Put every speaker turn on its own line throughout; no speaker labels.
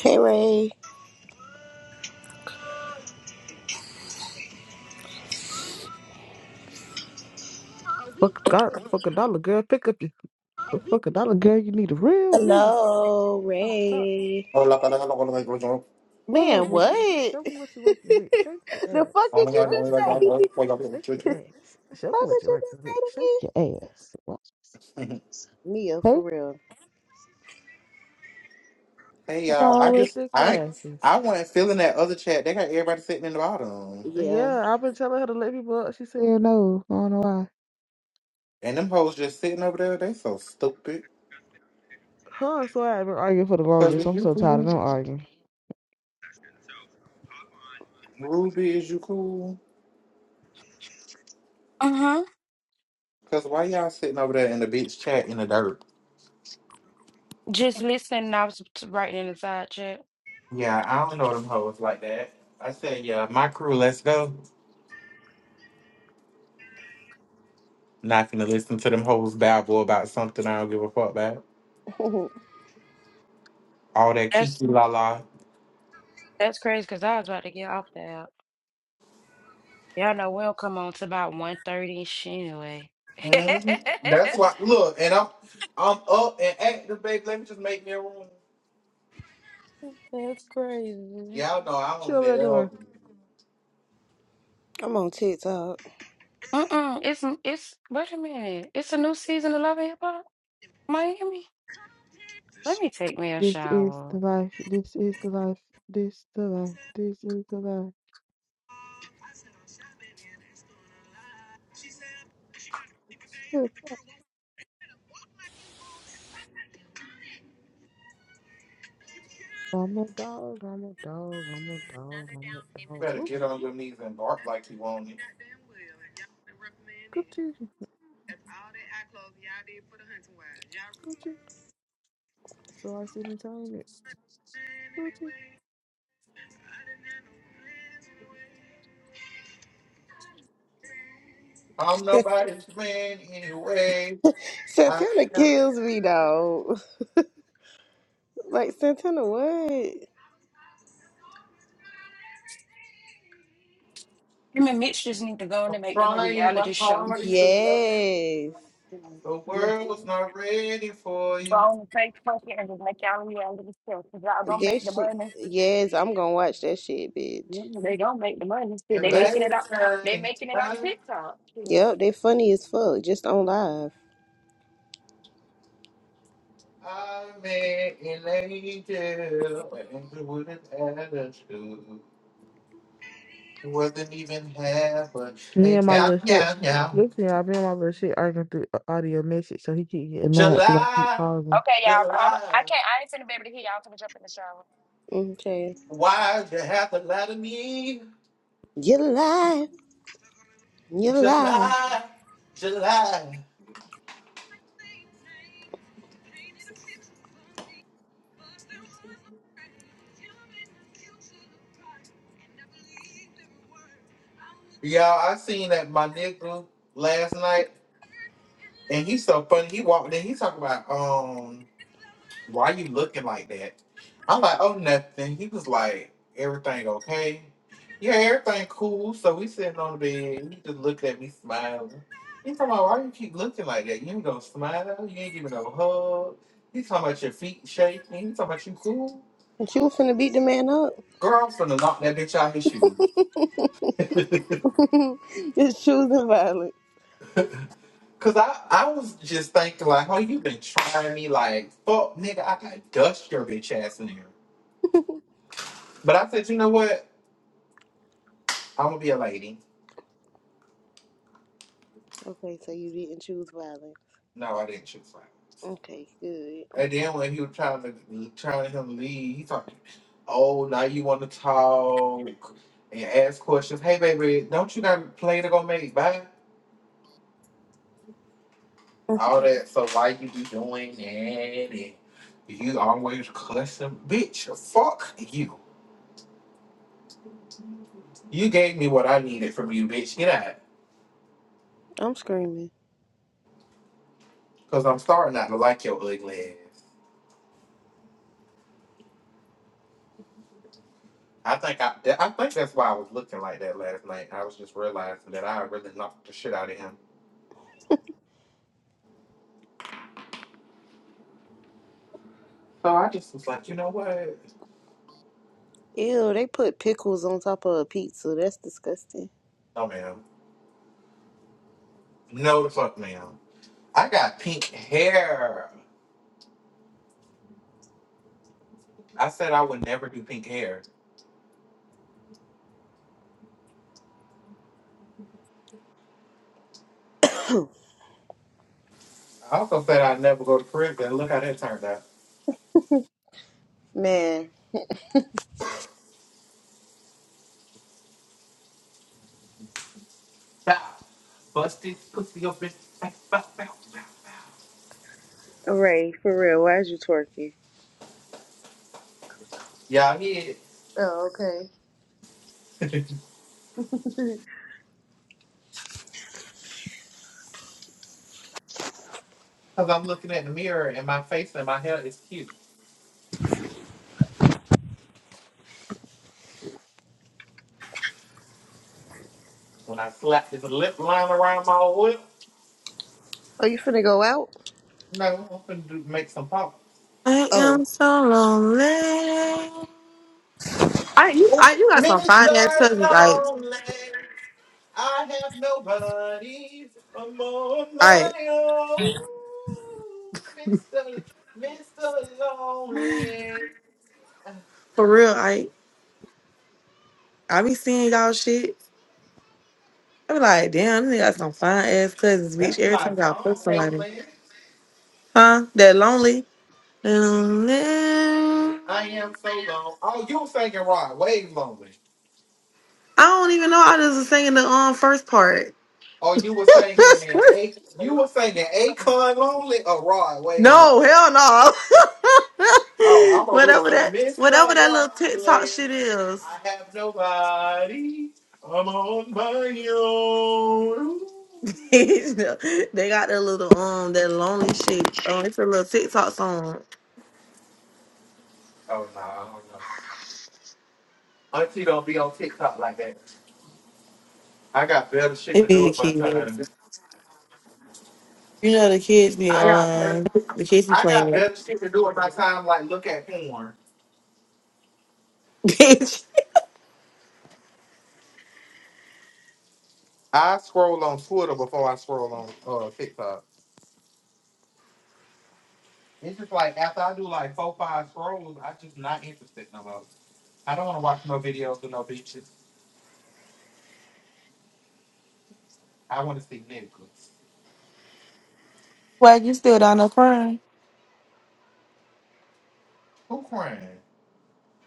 Hey Ray.
Fuck a dollar, fuck a dollar, girl. Pick up your a fuck a dollar, girl. You need a real nigga.
Hello,
I'm top.
Ray.
Hey y'all,
Pull
Man,
over,
what?
bitch. Show me what you're working with. Shake your
the fuck
ass.
did you
Watch
just
yourself.
say?
Shake your ass. Show me
fuck
what
did
you're
you just
working
say
with.
to
Shake your
me?
ass. Watch yourself.
Mia,
Hey,
for real. So-
I
all the
just
thick
I
asses.
I wasn't feeling that other chat. They got everybody sitting in the bottom,
yeah.
Yeah, I've been telling her to let people up. She said no. I don't know why.
and them hoes just sitting over there. They so stupid.
Her and so I've been arguing for the
Cause
longest.
is
I'm
you
so tired of them
cool,
arguing.
Ruby? Is you cool?
Uh-huh.
Cause why y'all sitting over there in the bitch chat in the dirt?
Just listening, I was t- writing in the side chat.
Yeah, I don't know them hoes like that. I said, yeah, my crew, let's go. Not gonna listen to them hoes babble about something I don't give a fuck about. All that
That's
kiki la la.
that's crazy because I was about to get off the app. Y'all know we'll come on to about 1.30 anyway.
Mhm. That's why. Look, and I'm I'm up and active, baby. Let me just make me a room.
That's crazy.
Y'all know I
What you
don't
over there
never
doing?
I'm on TikTok.
Mm-mm. It's it's wait a minute. It's a new season of Love and Hip Hop Miami. Let me take me a
This is
shower.
the life. This is the life. This the life. This is the life. Look, I'm a dog. I'm a dog. I'm a dog. I'm a dog.
better
Ooh,
get on your knees and bark like you want it.
Gucci. Gucci. So I see me telling it. Gucci.
I'm nobody's man anyway. I
Santana
ain't got no-
kills me though. like Santana what?
Him and Mitch just need to go in
I'm
and make them a
trying my
reality show.
hardest to love.
Yes.
You know,
The
Just
world's not ready for
go
you.
on and take and just make y'all a reality show. Cause y'all gonna
That
make the
shit
money.
yes, I'm gonna watch that shit, bitch.
Mm, They gonna make the money. See,
And
they
They
making it up.
last
They
night
making it on
I,
TikTok. Shit.
yep, they funny as fuck, just on live.
I met an angel and with an attitude. Wasn't even half, but
Me
and
and my
yeah,
little shit.
yeah, yeah.
Listen, y'all, me and my little shit arguing through a- audio message, so he keep getting mad because I keep
July,
calling him.
Okay, y'all. I'm,
July.
I can't. I ain't gonna be able to hear y'all coming up in the shower.
Okay.
Why'd you have to lie to me?
Get alive. You lie.
July, July. Y'all, I seen that my nigga last night, and he's so funny. He walked in, he talking about um. Why you looking like that? I'm like, oh, nothing. He was like, everything okay? Yeah, everything cool. So we sitting on the bed. He just looked at me smiling. He talking about, why you keep looking like that? You ain't gonna smile. You ain't giving no hug. He talking about your feet shaking. He talking about you cool.
But you finna beat the man up.
Girl, I'm finna knock that bitch out his shoes.
Just choosing violence.
Cause I, I was just thinking like, oh, you been trying me like, fuck, nigga, I got dust your bitch ass in here. But I said, you know what? I'm gonna be a lady.
Okay, so you didn't choose violence.
No, I didn't choose
Okay, good.
And then when he was trying to trying to him to leave, he talking, oh, now you want to talk and ask questions. Hey, baby, don't you got a play to go make? Bye. All that. So why you be doing that? And you always cussing, bitch. Fuck you. You gave me what I needed from you, bitch. Get out.
I'm screaming.
Cause I'm starting not to like your ugly ass. I think I, that- I think that's why I was looking like that last night. I was just realizing that I really knocked the shit out of him. So I just was like, you know what?
Ew, they put pickles on top of a pizza. That's disgusting.
No, ma'am. No, the fuck, ma'am. I got pink hair. I said I would never do pink hair. I also said I'd never go to prison. Look how that turned out.
man.
Bow. Busted pussy open. Bow, bow, bow, bow.
Ray, for real, why is you twerking?
Y'all hear it?
Oh, okay.
Because I'm looking at the mirror and my face and my hair is cute. When I slap this lip line around my lip,
Are you finna go out?
no, I'm finna do, make some pop.
I
Oh.
am so lonely. I you I
Oh,
you got some fine ass
Mr.
cousins. Like,
Lonely, I have nobody for more of
I
my own. Mr. Mr. Lonely.
for real. I I be seeing y'all shit. I be like, damn, they got some fine ass cousins, bitch.
That's
Every
my
time y'all fuck
song,
somebody,
Caitlin.
huh? That lonely, lonely.
I am so lonely. Oh, you were singing Rod Wave Lonely.
I don't even know. I just was singing the um first part.
Oh, you were singing A you were singing Akon Lonely or Rod Wave
no,
Lonely.
hell no.
Oh, I'm over here
whatever
saying,
that,
Mr.
whatever that little TikTok
Lonely,
shit is.
I have nobody. I'm on my own.
they got that little um that lonely shit. Um, it's a little TikTok song.
Oh, no, I don't know. Auntie don't be on TikTok like that. I got better shit
It
to do
be the
with my time.
kids. You know the kids be
I got better,
um the kids be
I got
playing it.
better shit to do with my time, like look at porn.
Bitch,
I scroll on Twitter before I scroll on uh, TikTok. It's just like after I do like four, five scrolls, I just not interested no more. I don't want to watch no videos or no bitches. I want to see Nicholas.
swag, you still down there crying?
Who crying?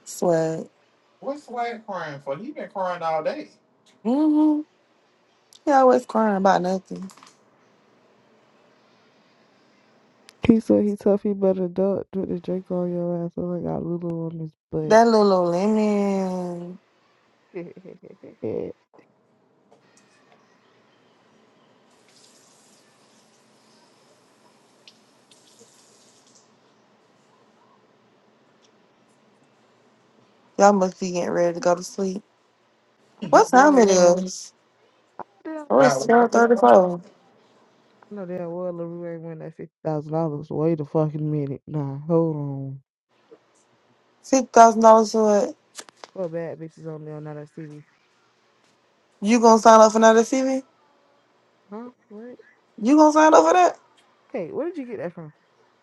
Swag.
What's Swag crying for? He been crying all day.
Mm-hmm. He always crying about nothing.
He said he tough, he better duck, put the drink on your ass. So I got Lulu on his butt.
That little old lemon. Y'all must be getting ready to go to sleep.
I know
What time
damn
it
well,
is?
damn,
Oh,
I
it's
About
twelve thirty-four.
know damn well LaRue ain't win that fifty thousand dollars. Wait a fucking minute. Nah, hold on.
Six thousand dollars for it.
What bad bitches on there on that TV?
You gonna sign up for another TV?
Huh? What?
You gonna sign up for that?
Hey, where did you get that from?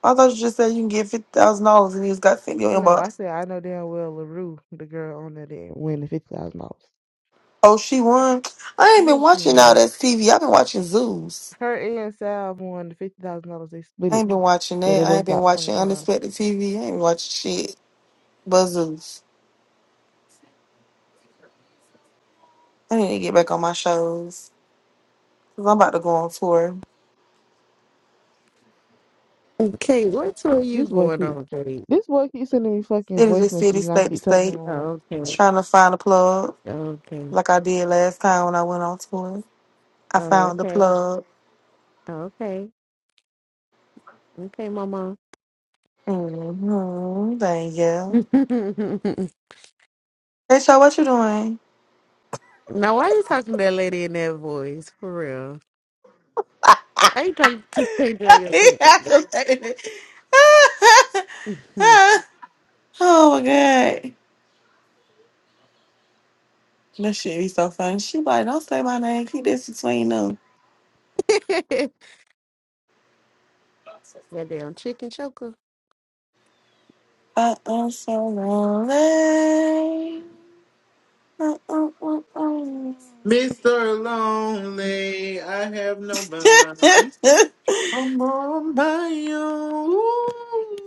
I thought you just said you can get fifty thousand dollars and you just got sent in your
No, I
inbox.
said I know damn well LaRue, the girl on there that didn't win the fifty thousand dollars.
Oh, she won. I ain't been
What you
watching all
on?
that TV. I've been watching Zeus.
Her and Sal won the fifty thousand dollars. They split
I
it,
ain't been watching
so
that.
they
I ain't
both
been
got twenty
watching
five.
unexpected TV. I ain't been watching shit but Zeus. I need to get back on my shows because I'm about to go on tour,
Okay, what tour you
This boy
going
keeps
on, Kate?
this boy keeps sending me fucking
city
voice
to city,
messages, and I
state to
keep telling him,
state,
I'm like,
Oh, okay,
trying to find a plug
okay,
like I did last time when I went on tour. I
oh,
found the
okay,
plug.
okay, okay, Mama.
Mm-hmm. Thank you. Hey, so what you doing?
Now, why you talking to that lady in that voice? For real. Why you talking to your
he
sister?
aggravated. oh my god. That shit be so funny. She be like, don't say my name. Keep this between them.
that damn chicken choker.
Uh uh so lonely. Uh, uh, uh, uh.
Mr. Lonely, I have nobody. I'm on my own.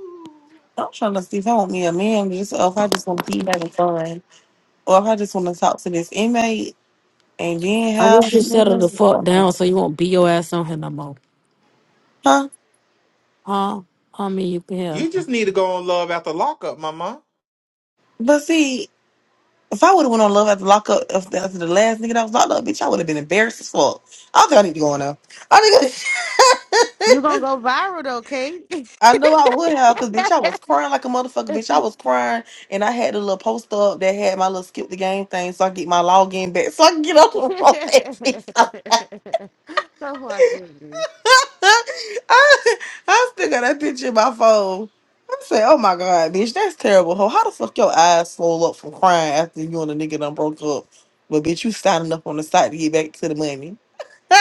I'm trying to see if I want me a man just or if I just want to be having fun. Or if I just want to talk to this inmate and then
I
have I
wish you settled the fuck
don't know.
down so you won't be your ass on here no more.
Huh?
Huh? I mean, you can have
You just need to go on love after lockup, mama.
But see, If I would have went on Love after lock up after after the last nigga that was locked up, bitch, I would have been embarrassed as fuck. I don't think I need to go on now. I think
you going
I,
to go viral, though, Kate.
I know I would have, cause bitch, I was crying like a motherfucker, bitch. I was crying, and I had a little poster up that had my little skip the game thing, so I get my login back, so I can get on the road.
so I agree,
I, I still got that picture in my phone. I said, "Oh my god, bitch, that's terrible. hoe! how the fuck your eyes swole up from crying after you and a nigga done broke up? But bitch, you standing up on the side to get back to the money.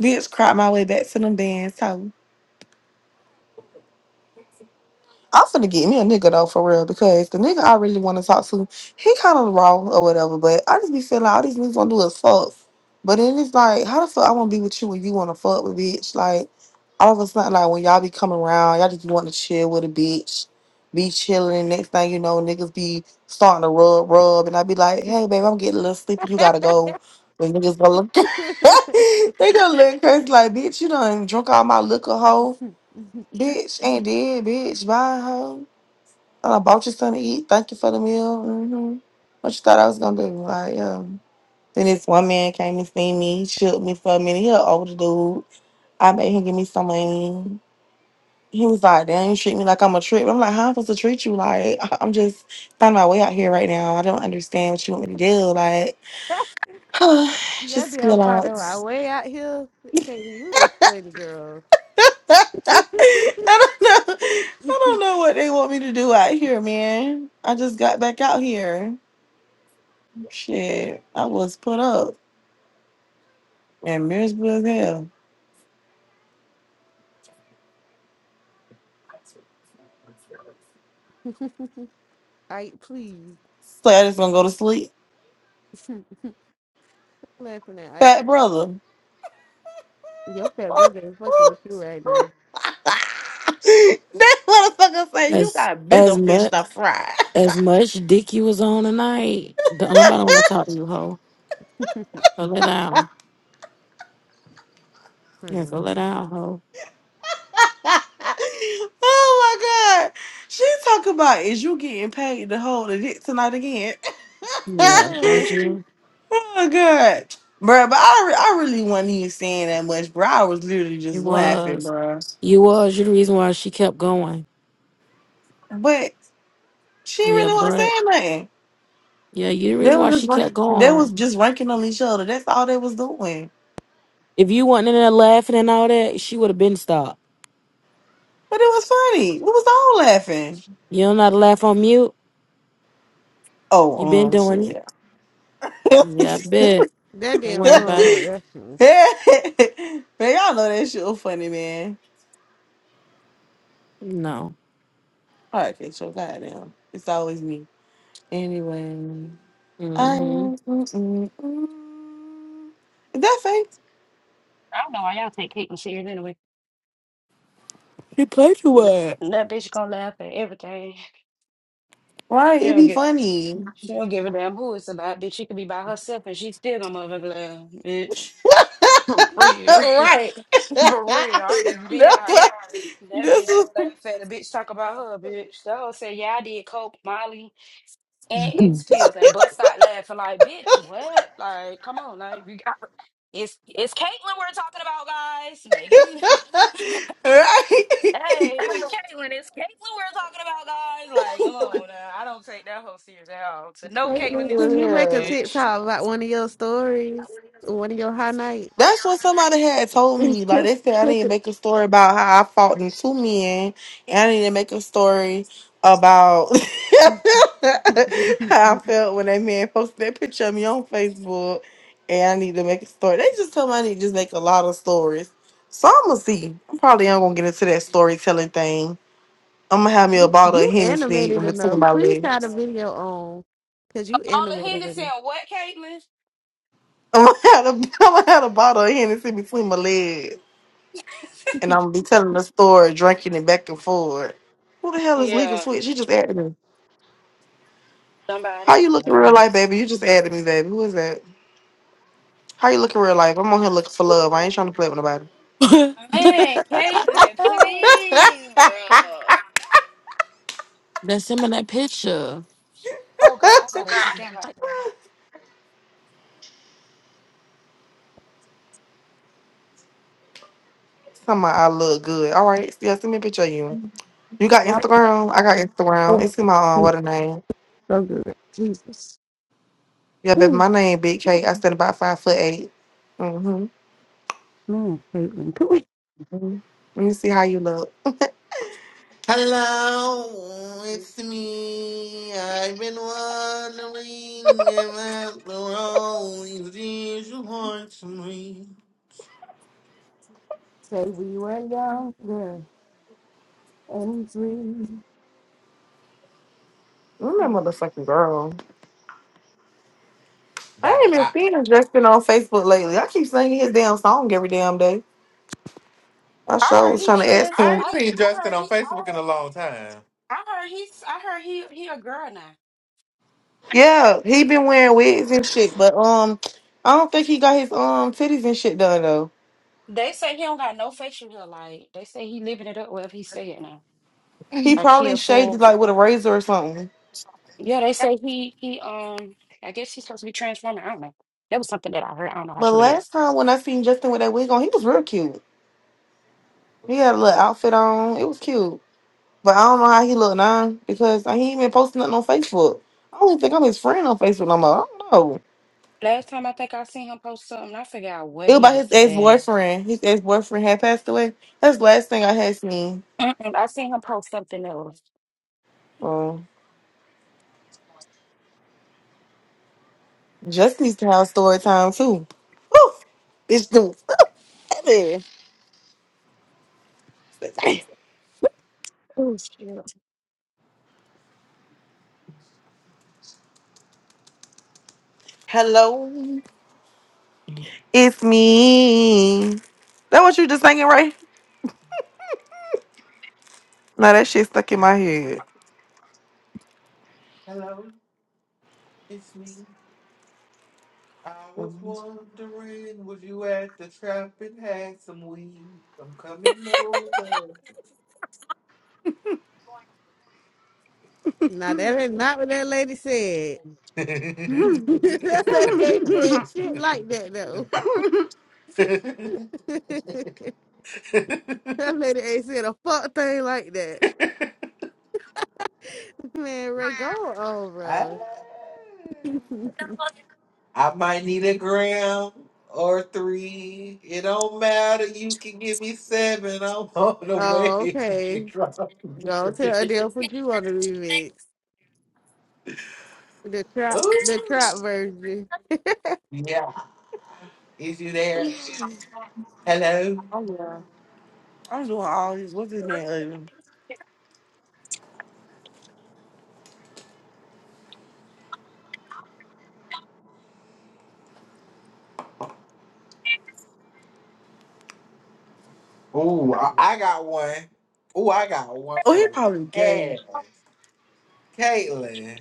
bitch, cried my way back to them bands. hoe." I'm finna get me a nigga though for real because the nigga I really want to talk to, he kind of raw or whatever. But I just be feeling like all these niggas gonna do is fuck. But then it's like, how the fuck I wanna be with you when you wanna fuck with bitch? Like all of a sudden, like when y'all be coming around, y'all just want to chill with a bitch, be chilling. Next thing you know, niggas be starting to rub, rub, and I be like, hey babe, I'm getting a little sleepy. You gotta go. But niggas gonna look,
dude.
they gonna look crazy like bitch. You done drunk all my liquor, hoe. Bitch ain't dead, bitch. Bye, hoe. I bought you something to eat. Thank you for the meal. hmm What you thought I was gonna do? Like, um, then this one man came and seen me. He shook me for a minute. He an older dude. I made him give me some money. He was like, "Damn, you treat me like I'm a trick." I'm like, "How am I supposed to treat you? Like, I- I'm just finding my way out here right now. I don't understand what you want me to do. Like,
That
just
damn
feel
father
out."
right way out here. Katie, you is funny, girl.
I don't know. I don't know what they want me to do out here, man. I just got back out here. Shit, I was put up and miserable as hell.
Ike, please.
So I just gonna go to sleep.
laughing at Ike.
Fat brother.
Your fat
that
brother is fucking with you right now.
motherfucker said you
as
got bigger
as
fish
much
to fry.
as much dick you was on tonight. Don't nobody want to talk to you, hoe. So let down. Yeah, so let down, hoe.
oh my god. She talking about is you getting paid to hold a dick tonight again?
Yeah,
Hmm.
was
oh
you?
my god. Bruh, but I, re- I really wasn't even saying that much, bro. I was literally just
You
laughing,
was.
bruh.
You was. You the reason why she kept going.
But She
Yeah,
really wasn't
but
saying nothing.
yeah, you the
They
reason
were
why
just
she
rank-
kept
they was
going.
just ranking on each other. That's all they was doing.
If you wasn't in there laughing and all that, she would have been stopped.
But it was funny. We was all laughing.
You don't know how to laugh on mute. You
Oh,
been
um, shit.
doing it.
man,
Yeah, I bet.
That
Don't
damn
worry about it.
uh that's
y'all know that shit was funny, man.
No.
All right, okay, so goddamn, it's always me. Anyway, I
Mm-hmm.
mm, mm, mm. is that fake?
I don't know why y'all take hate and shit anyway.
He played you what?
Th- That bitch gonna laugh at everything.
Right,
She
it'd
don't
be
get.
funny.
She don't give a damn who it's about. Bitch, she could be by herself and she still gonna motherfucker laugh. Bitch, for real,
right.
for real. I'm just being honest.
No,
That
this
bitch
was
gonna laugh at the bitch talk about her. Bitch, so say yeah, I did coke, Molly. and it's pills and bust start laughing like bitch what like come on like we got it's it's Caitlyn we're talking about guys Megan
right?
hey Caitlyn it's Caitlyn we're talking about guys like come on now. I don't take that whole serious at all so no Caitlyn
Caitlin,
is
can
to
you
no,
make a
Yeah.
bitch
TikTok about one of your stories? One of your highlights?
That's what somebody had told me. Like
you,
they said, I need to make a story about how I fought them two men, and I need to make a story about how I felt when that man posted that picture of me on Facebook. And I need to make a story. They just tell me I need to just make a lot of stories. So I'm gonna see. I'm probably not gonna get into that storytelling thing. I'm gonna have me a bottle of
you
Hennessy in
animated
between
enough.
my
Please try
legs.
the video on. Cause you
all of
animated
Henderson
enough.
what Caitlyn
I'm gonna have a, I'm gonna have a bottle of Hennessy between my legs, and I'm gonna be telling the story, drinking it back and forth. Who the hell is Legal
yeah
Switch? She just added me.
somebody
How you look in
well
real
no
life, baby? You just added me, baby. Who is that? How you look in real life? I'm on here looking for love. I ain't trying to play with nobody.
man Caitlyn please bro
That's him in that picture.
oh god I gotta take out my
Somehow I look good. All right, yeah, send me a picture of you. You got
Y'all know what-
Instagram? I got Instagram. It's in my own. What a name.
so good. Jesus.
Yeah, baby,
Whew,
my name Big K. I stand about five foot eight. Mm-hmm.
man, Caitlin, could we
Mm-hmm. Let me see how you look.
Hello, it's me. I've been wondering about the role you want to me.
say we were younger and free?
I'm that motherfucking girl.
Da
I
da
ain't even
da.
seen Justin on Facebook lately. I keep singing his damn song every damn day. I
I
sure
heard
was
he
trying to ask
trans.
I
him.
I,
ain't seen
I
Justin
heard
on
he.
Facebook in a long time.
I heard he's. I heard he. He a girl now.
Yeah, he been wearing wigs and shit, but um, I don't think he got his um titties and shit done though.
They say he don't got no facial hair. Like they say he living it up. Wherever he staying now.
He
Like he
probably
a
shaved it, like
full.
with a razor or something.
Yeah, they say he. He um. I guess he's supposed to be transforming. I don't know. That was something that I heard. I don't know how
But
true it
last
is.
time when I seen Justin with that wig on, he was real cute. He had a little outfit on. It was cute. But I don't know how he look now because he ain't been posting nothing on Facebook. I don't even think I'm his friend on Facebook no more. I don't know.
Last time I think I seen him post something, I figured out
It
what
was
he
about
was
his ex
at.
boyfriend. His ex boyfriend had passed away. That's the last thing I had seen.
Mm-mm, I seen him post something else.
Um, Just needs to have story time too. Woo! Bitch, do
Oh, shit.
Hello, it's me. That what you just singing, right? No, that shit stuck in my head.
Hello, it's me. I was
Mhm.
wondering, was you at the trap and had some weed? I'm coming over.
Now that is not what that lady said. that lady ain't said shit like that though. that lady ain't said a fuck thing like that. Man, Ray, go on, bro.
I I might need a gram or three. It don't matter. You can give me seven. I'm on the
Oh,
way.
okay. Go tell Adele put you on the remix. The trap the
Ooh.
trap version.
Yeah. Is you there? Hello?
Oh yeah, I'm doing all this. What's his man? ugly?
Ooh, I I got one. Ooh, I got one
Oh,
for
he
that
probably gay.
ass. Caitlin.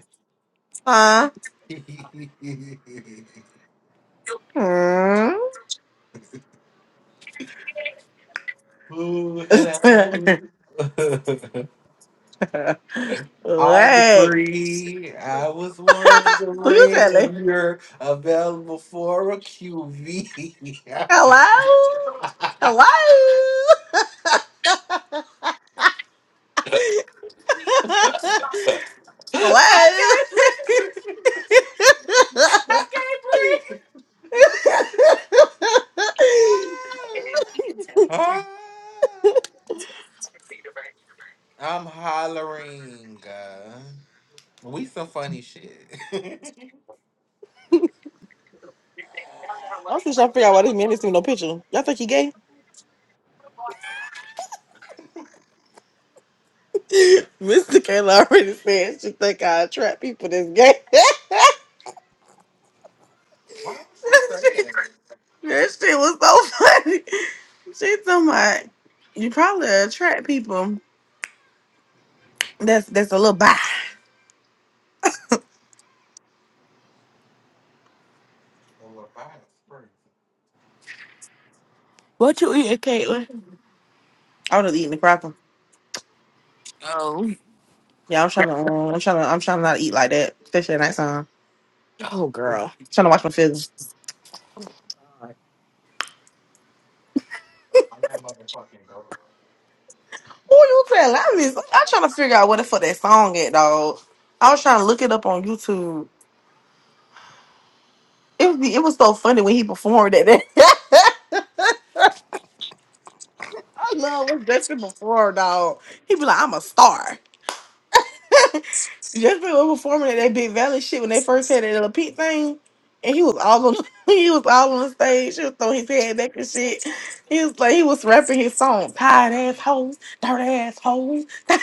Huh? Hmm?
Ooh, hello. Are you
what?
free? I was
Who you
wondering if
telling?
you're available for a QV.
Hello?
I
Hello? Hello?
can't breathe. I can't breathe. Ah. Ah. I'm hollering. uh, we some funny shit.
I'm still trying to figure out why this man didn't send me no picture. Y'all think he gay? Mr. Kayla already said she think I attract people that's gay. that
Why would she say that?
shit was so funny. She talking about you probably attract people that's that's a little bi.
Oh, well, by crazy.
what you eating, Caitlin?
I would have eaten the cracker.
Oh.
Yeah, I'm
Crack.
trying to, um, I'm trying to, I'm trying to not eat like that, especially at nighttime. I'm
Oh, girl.
trying to watch my film.
I'm that motherfucking girl.
Oh, you telling me? I'm trying to figure out what the fuck that song at, dog. I was trying to look it up on YouTube. It was, it was so funny when he performed that. I love what Justin before, dog. He be like, "I'm a star." Jeffrey was performing at that big valley shit when they first had that little Pete thing, and he was all on he was all on the stage. He was throwing his head back and shit. He was like he was rapping his song, tired ass hoes, dirt ass hoes. his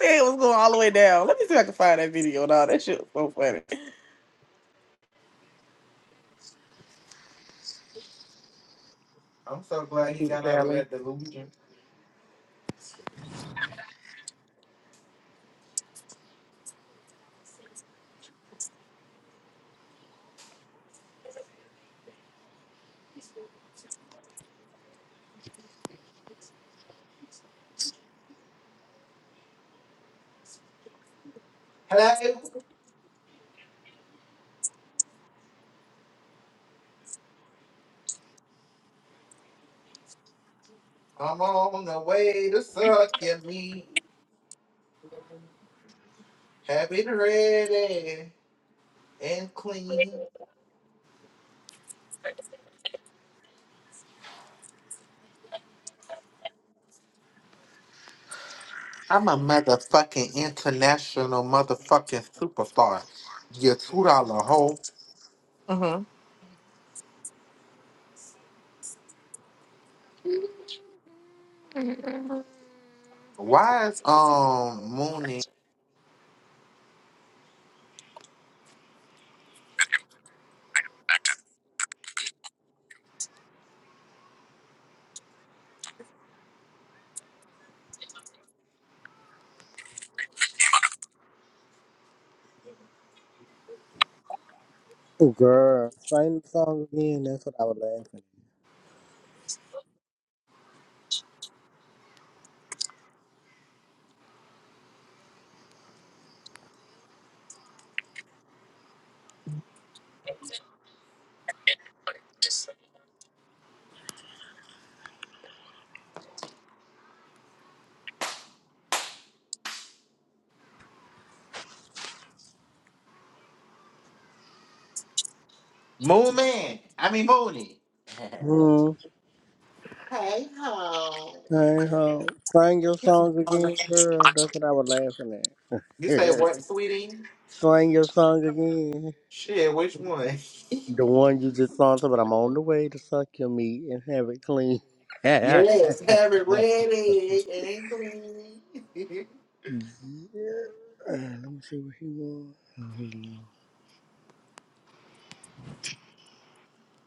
head was going all the way down. Let me see if I can find that video. No, that shit was so funny.
I'm so glad he
Big
got out of
valley.
that delusion. Hello, I'm on the way to suck your meat. Have it ready and clean. I'm a motherfucking international motherfucking superstar. You two dollar hoe.
Mm-hmm.
Why is um Mooney
Oh, girl, sing the song again. That's what I was laughing
Moonman? I mean Mooney.
at. Hmm.
hey ho.
Sing, huh? sing your song again, girl. That's what I was laughing
You say
at.
what, sweetie?
sing your song again.
Shit, which one?
The one you just sung to, but I'm on the way to suck your meat and have it clean. yeah. Uh,
Yes, have it
Let
ready and clean.
me see what he wants. Oh, he low.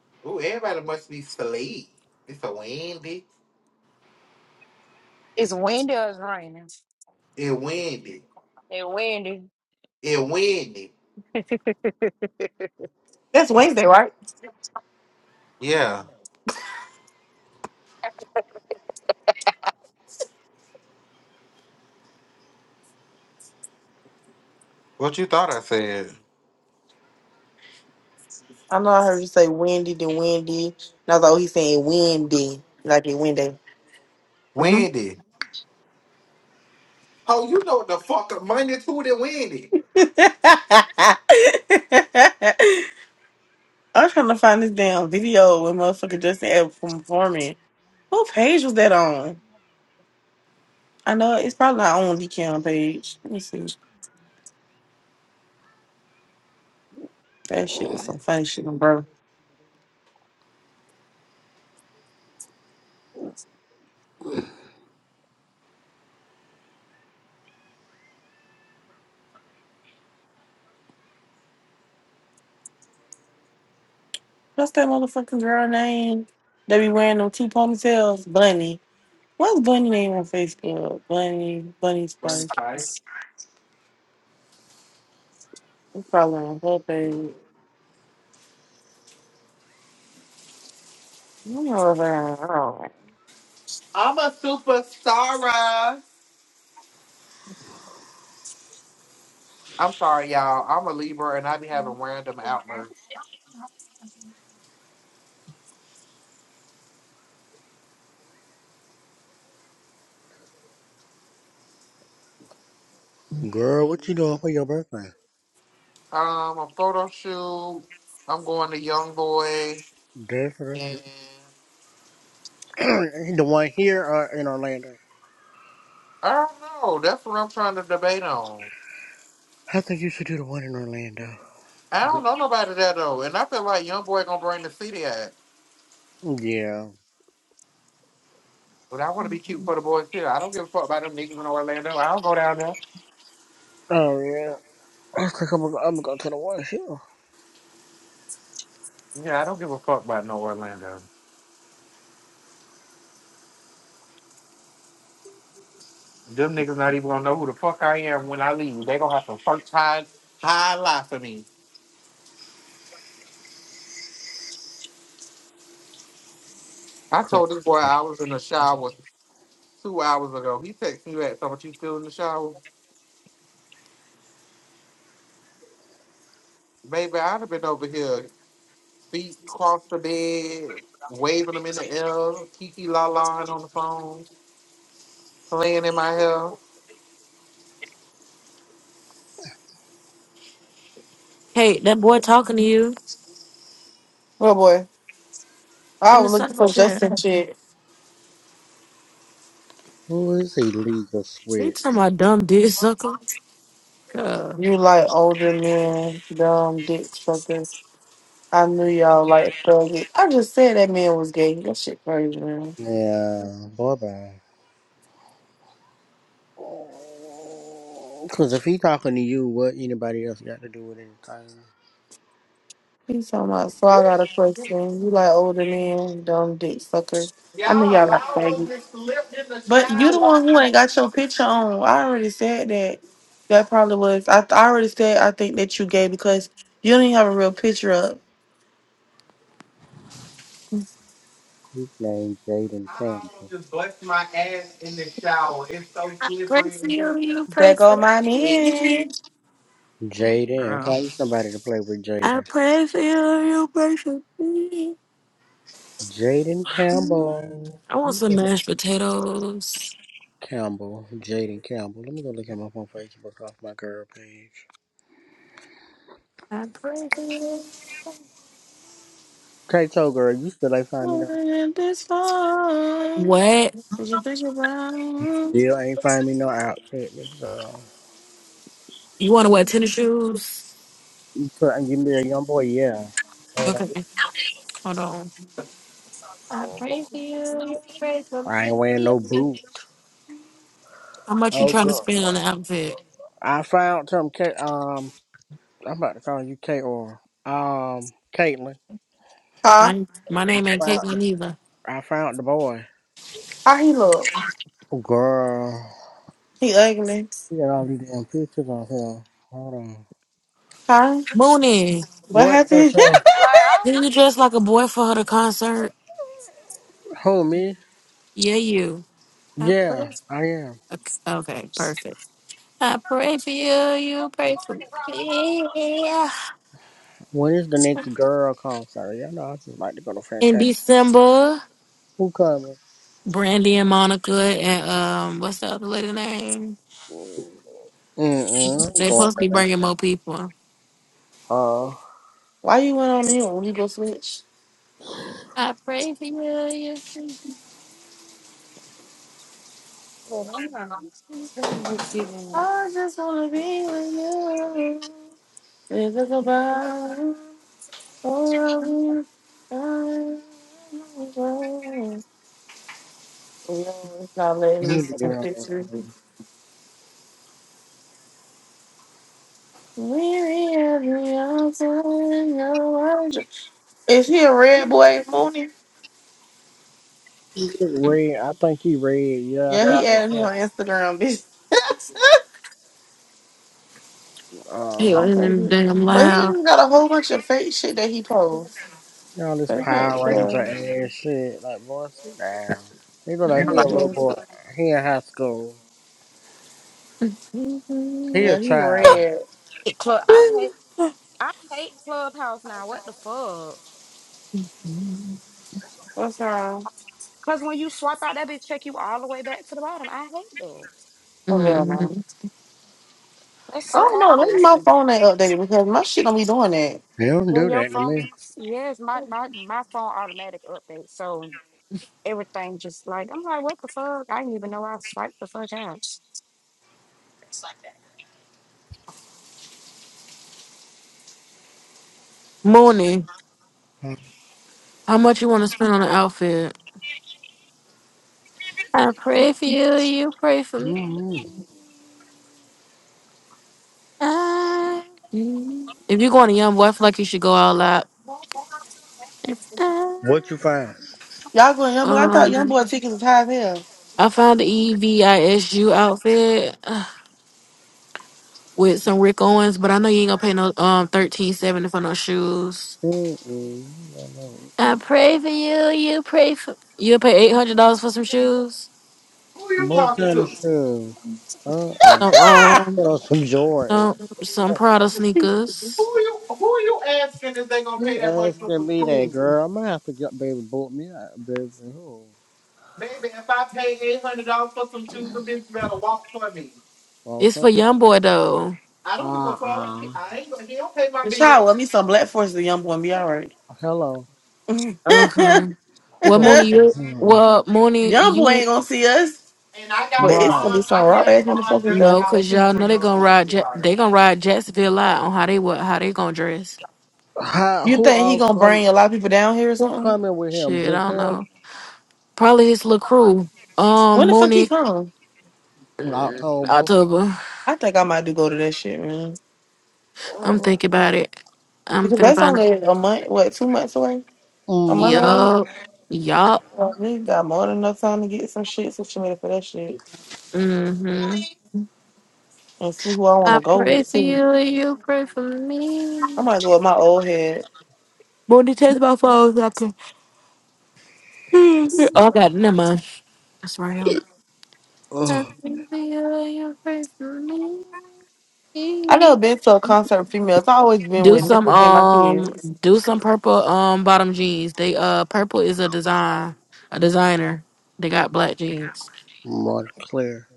Ooh, everybody must be asleep. It's a windy.
It's windy or it's raining?
It windy.
It's
It windy.
windy.
That's Wednesday, right?
Yeah. What you thought I said?
I know I heard you say
Like, I don't
windy to windy. And I was like, oh, he's saying windy, like it windy.
Windy. Oh, you know what the fuck a Monday to the windy.
Mm-hmm. I'm trying to find this damn video with motherfucker Justin Edwards from performing. What page was that on? I know it's probably not on the cam page. Let me see. That shit was some funny shit, bro. What's that motherfucking girl name? They be wearing them two ponytails? Bunny. What's Bunny name on Facebook? Bunny, Bunny
Bunny
Spike.
Spice.
It's probably on her page. I don't know if I I don't know.
I'm a superstar. I'm sorry, y'all. I'm a Libra and I be having random outbursts.
Girl, what you doing for your birthday?
Um, a photo shoot. I'm going to YoungBoy
That's, that's it.
and
the one here or in Orlando?
I don't know. That's what I'm trying to debate on.
I think you should do the one in Orlando.
I don't know nobody there though, and I feel like young boy gonna bring the city at.
Yeah.
But I want to be cute for the boys too. I don't give a fuck about them niggas in Orlando. I don't go down there.
Oh yeah, I think I'm gonna, I'm gonna go to the one show.
Yeah, I don't give a fuck about no Orlando. Them niggas not even gonna know who the fuck I am when I leave. They gonna have to first hide, high lie for me. I
Chris,
told this boy I was in the shower two hours ago. He texted me back, "So, "What you still in the shower, baby? I'd have been over here. feet across the bed, waving them in the air, Kiki La La on the phone, playing in my hair.
Hey, that boy talking to you
Well, boy, I
in the
was looking
sucker
for
chat.
Justin shit.
Who is illegal
He
switch?
talking about dumb dick sucker? Girl,
You like older men, dumb dick suckers. I knew y'all like thuggy. I just said that man was gay. That shit crazy, man.
Yeah, bye bye. Cause if he talking to you, what anybody else got to do with anything?
He's talking about, so
Woo!
I got a question. You like older men, dumb dick sucker. I knew
Y'all,
y'all like
I almost
faggots.
just slipped in the
But you the
shower.
one who ain't got your picture on. I already said that. That probably was, I, I already said I think that you gay because you don't even have a real picture up.
His name Jaden
I almost
Campbell.
just busted my ass in the shower. It's so
I pray
slippery
for
in here.
you, you
There
pray
go
for
my man.
me.
Jaden,
Girl.
find somebody to play with
I
Jaden.
pray for you, you pray for me.
Jaden Campbell.
I
Let
want
me
some
go look-
mashed potatoes.
Campbell, Jaden Campbell. Let me go look him up on Facebook off my girl page.
I pray for you.
Kato girl, you still ain't find me no.
Wasn't This fun.
What?
Cause you think about it.
Still ain't find me no outfit, girl.
You want to wear tennis shoes?
So I can give me a young boy, yeah. Wearing a- I ain't,
Okay, hold on. I pray for you, you pray for
ain't wearing
me.
no boot.
How much you
Oh
trying to
girl.
spend on the outfit?
I found some K um I'm about to call you K or um Caitlin.
Huh?
My, my
I
name ain't
found the,
Caitlin either.
I found the boy.
How he look?
Oh girl.
He ugly.
You got all these damn pictures on here. Hold on.
Huh?
Mooney,
What
What K
happened?
didn't you dress like a boy for her to concert?
Who me?
Yeah, you. I pray.
Yeah, I am.
Okay, okay, perfect. I pray for you, you pray for me.
When is the next girl concert? Y'all know I just like to go to
In
Fantastic.
December,
Who coming?
Brandy and Monica and um, what's the other lady name?
Mm mm. I'm
They
going
supposed to
to
be
that.
bringing more people.
Uh
Why you went on mute when you go switch?
I pray for you. you pray for me.
Well, I'm not. I'm
I just wanna be with you. It's a goodbye. Oh, it's not
I
letting me
need to
see
get
the
on.
picture. Maybe every other no wonder. Is he a red boy, Mooney?
Red, I think he red. Yeah, I
Yeah,
Yeah.
he
think that's
added me
him.
on Instagram, bitch.
he
Uh,
I can't do
wasn't
it.
damn
But he
loud.
just got a whole bunch of fake shit that he posts.
you know this
So I can't
Power Ranger
tell.
ass shit. Like, boy, sit down. He look
What
You
like
know,
he
is
a
like,
little
this?
boy. He in high school. He a
Mhm.
Yeah, he
child.
red.
hate club. I hate. I hate Clubhouse now. What the fuck?
What's wrong?
Cause when you swipe out that bitch, check you all the way back to the bottom. I hate that.
Oh hell no.
That's
I
so
don't know. Maybe my
aggravating.
phone ain't updated because my shit don't be doing that.
He don't
Yeah,
do
your
that to
phone.
me.
Yes, my my my phone automatic update. So everything just like I'm like, what the fuck? I didn't even know I swiped the fuck out. I
Morning. How much you want to spend on an outfit? I pray for you. You pray for me.
Mm-mm.
I- Mhm. If you're going to Young Boy, I feel like you should go all out. If I-
What you find?
Y'all going young boy? I thought young
Um,
boy tickets was high as hell.
I found the EVISU outfit uh, with some Rick Owens, but I know you ain't gonna pay no um thirteen seventy for no shoes.
Mm-mm. I know it.
I pray for you. You pray for you. Pay eight hundred dollars for some shoes.
Who you
What
talking
kind of
to?
shoes? Uh-uh.
Some um
Oh, some Jordans.
some some Prada sneakers.
Who you who you asking if they gonna
She
pay that much for
asking
some
me that,
shoes?
girl. I might have to get baby boot me out, baby. Who?
Baby, if I pay eight hundred dollars for some shoes, the bitch better walk for me.
It's for
Okay.
young boy though.
I don't give a fuck.
Uh-uh.
I ain't gonna he don't pay my
The
bill.
child with me some black forces. The young boy and be all right.
Hello.
Okay. Well,
Put
Mooney,
off his
you
hand.
well Mooney,
young boy
you
ain't gonna see us,
And I got
but
a
it's
Right.
gonna be
bond. I
some raw
got
ass
a bond
motherfuckers down
Dusty
know, cause
there.
outfit
y'all
for
know they
young
gonna
boy,
ride. Ja-
sweetheart.
they gonna ride Jacksonville lot on how they what how they gonna dress.
How,
You
who
think he
all
gonna
come?
bring a lot of people down here or
Who
something?
coming with him?
Shit, I
Just
don't
him?
know. Probably his little crew.
When
Um,
the fuck he
Mooney
come?
October.
October.
I think I might do go to that shit, man.
I'm thinking about it. I'm
Because
finna
that's
find a
only a month, what, two months away? A month
Mm.
away?
yup yup.
Well, we got more than enough time to get some shit, social media for that shit,
Mm-hmm.
and see who I want
I
to go
pray
with
for
too.
you and you pray for me.
I might go with my old head.
Bonnie, test my phone so I can. oh, I got it. Never mind. That's right. I
Ugh.
pray for you and you pray for me.
I never been to a concert with females. I always been
Do
with
some
niggas and my
um,
kids.
do some purple um bottom jeans. They uh, purple is a design, a designer. They got black jeans.
Mark, Claire.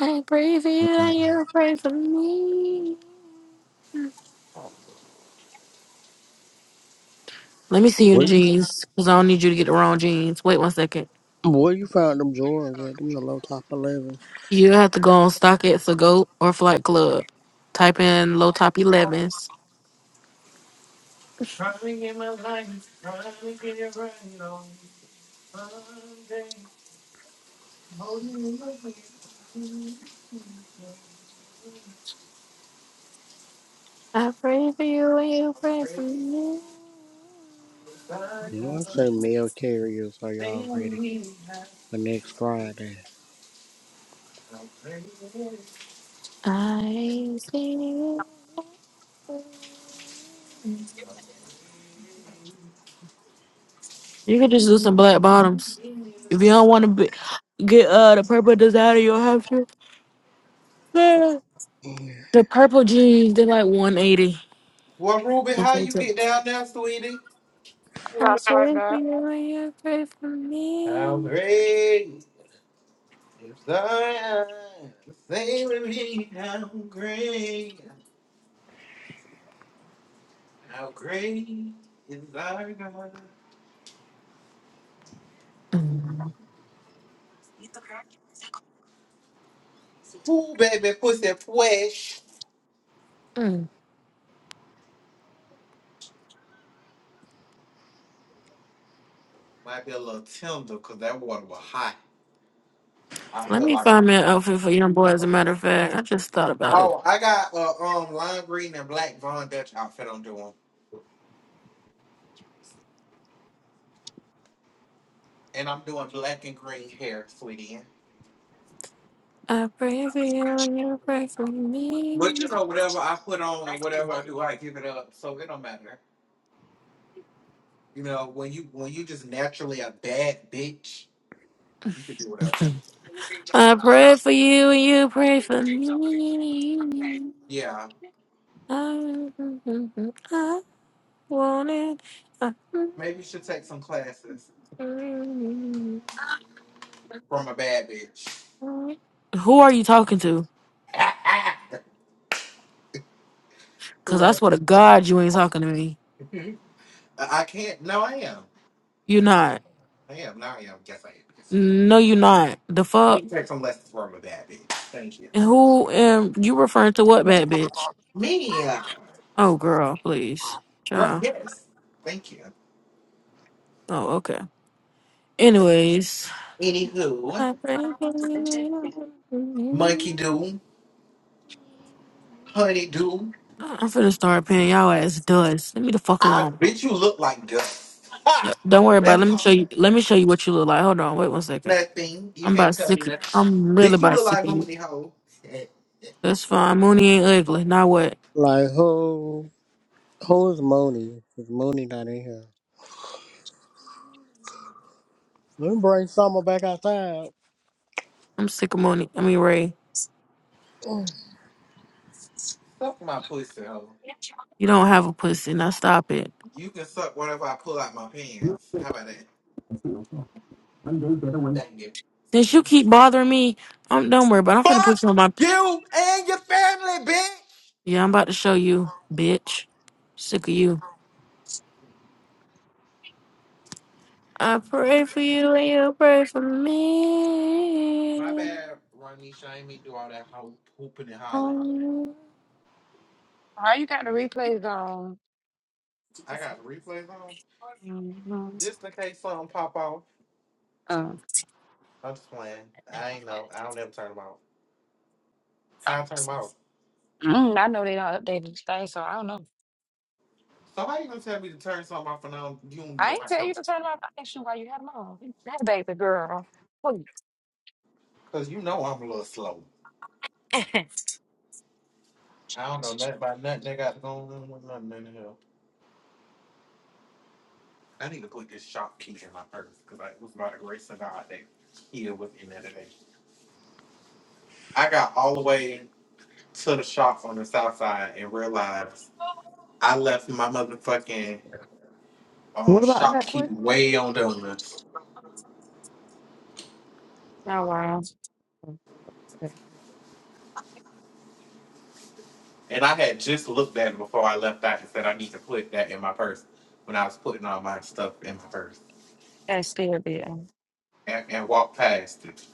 I pray for you and you pray for me. Let me see you in the
Where you,
jeans, cause I don't need you to get the wrong jeans. Wait one second.
where you found them drawers at? Them the low top 11.
You have to go on StockX or Go or Flight Club. Type in low top 11s.
Trying to get my life, trying to get it right on Sunday. Holding my breath,
I pray for you and you pray for me.
You I say mail carriers are y'all ready
sing me.
for next Friday.
How great
I see you. You can just do some black bottoms. If you don't want to be, get uh the purple designer, you'll have to. The
Yeah.
purple jeans, they're like 180.
Well, Ruby,
With
how you get
latex.
down there, sweetie?
I
swiped
pray for
out.
you and you pray for
How
me.
great is thy Say with me, how great, how great is thy God.
Mm.
Ooh, baby, pussy fresh.
Mm.
Might be a little tender because that water was hot. I
Let
feel
me
like.
find me an outfit for young boy, as a matter of fact. I just thought about it.
Oh, I got uh, um lime green and black Von Dutch outfit I'm doing, and I'm doing black and green hair, sweetie.
I pray for you and you pray for
But
me.
you know, whatever I put on and whatever I do, I give it up, so it don't matter. You know, when you when you just naturally a bad bitch, you could do whatever.
I pray for you and you pray for me.
Yeah,
I, I want it.
maybe you should take some classes from a bad bitch.
Who are you talking to? Cause
Who
I
else?
swear to God, you ain't talking to me.
I I can't. No, I am.
You're not.
I am. No, I am. Yes, I am. Yes,
No, you're not. The
You
fuck.
need to take some lessons from a bad bitch. Thank you.
And
Like,
who am you referring to? What bad bitch?
me, uh,
Oh, girl, please,
girl,
child.
yes. Thank you.
Oh, okay. Anyways.
Anywho,
I pray for you, I pray for
monkey
you.
do, honey do.
I'm finna start paying y'all ass dust. Leave me the fuck
I
alone.
bitch, you look like dust.
Yeah,
Ha!
Don't worry about it.
Let's
Let me show
talk
you
about
let me show you what you look like. Hold on, wait one second.
nothing. You
I'm
can't
about
tell me
sick of-
nothing.
I'm really
Bitch, you
about
look
sick
like
of you.
Mooney hoe.
That's fine. Mooney ain't ugly. Now what?
Like who? Who is Mooney? Is Mooney not in here? Let me bring Summer back outside.
I'm sick of Mooney. I mean Ray.
suck my pussy hoe.
You don't have a pussy. Now stop it.
You can suck whatever I pull out my pants. How about that? Thank you.
Since you keep bothering me, um, don't worry about it. I'm finna
Fuck
put you on my
you and your family, bitch.
Yeah, I'm about to show you, bitch. Sick of you. I pray for you and you pray for
My
me.
bad, Ronisha. I ain't mean to do all that ho- hooping and hollering.
Um,
Why you got the replays on?
I got the replays on.
Mhm.
Just in case something pop off.
Oh.
I'm just playing. I ain't know. I don't ever turn them off. How I turn them off?
Mm, I know they don't update the thing, so I don't know.
So how you gonna tell me to turn something off and I don't, you don't even
I
know
ain't
my
tell you to
purpose?
turn off action while you had them on. That baby girl.
Cause you know I'm a little slow.
Please.
I don't know nothing about nothing that got going on with nothing in the hell. I need to put this shop key in my purse because it was by the grace of God that here was in there today. I got all the way to the shop on the south side and realized I left my motherfucking um,
"What about that question?"
shopkeeping way on donuts.
Oh wow,
Okay.
And I had just looked at it before I left out and said I need to put that in my purse when I was putting all my stuff in my purse
that's still there.
and, and walked past it.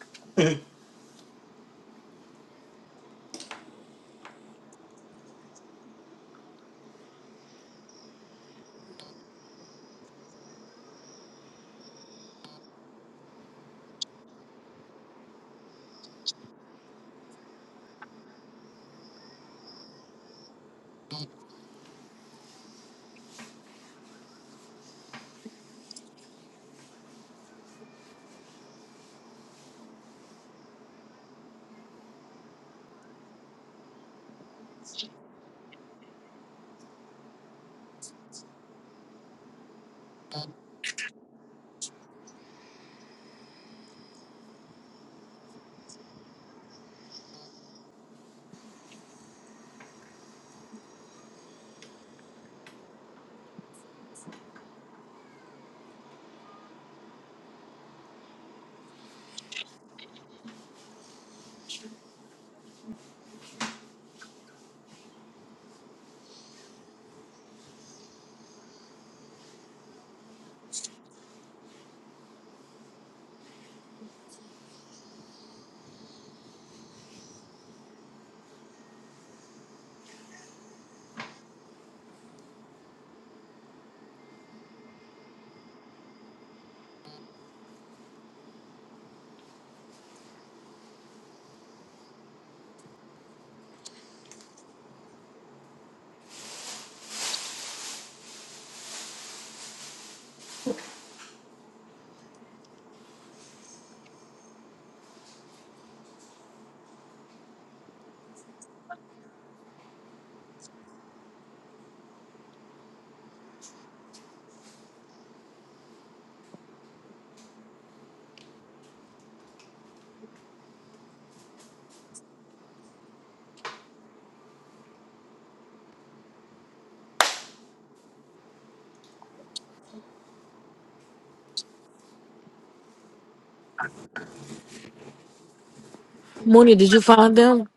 Mooney, did you find them?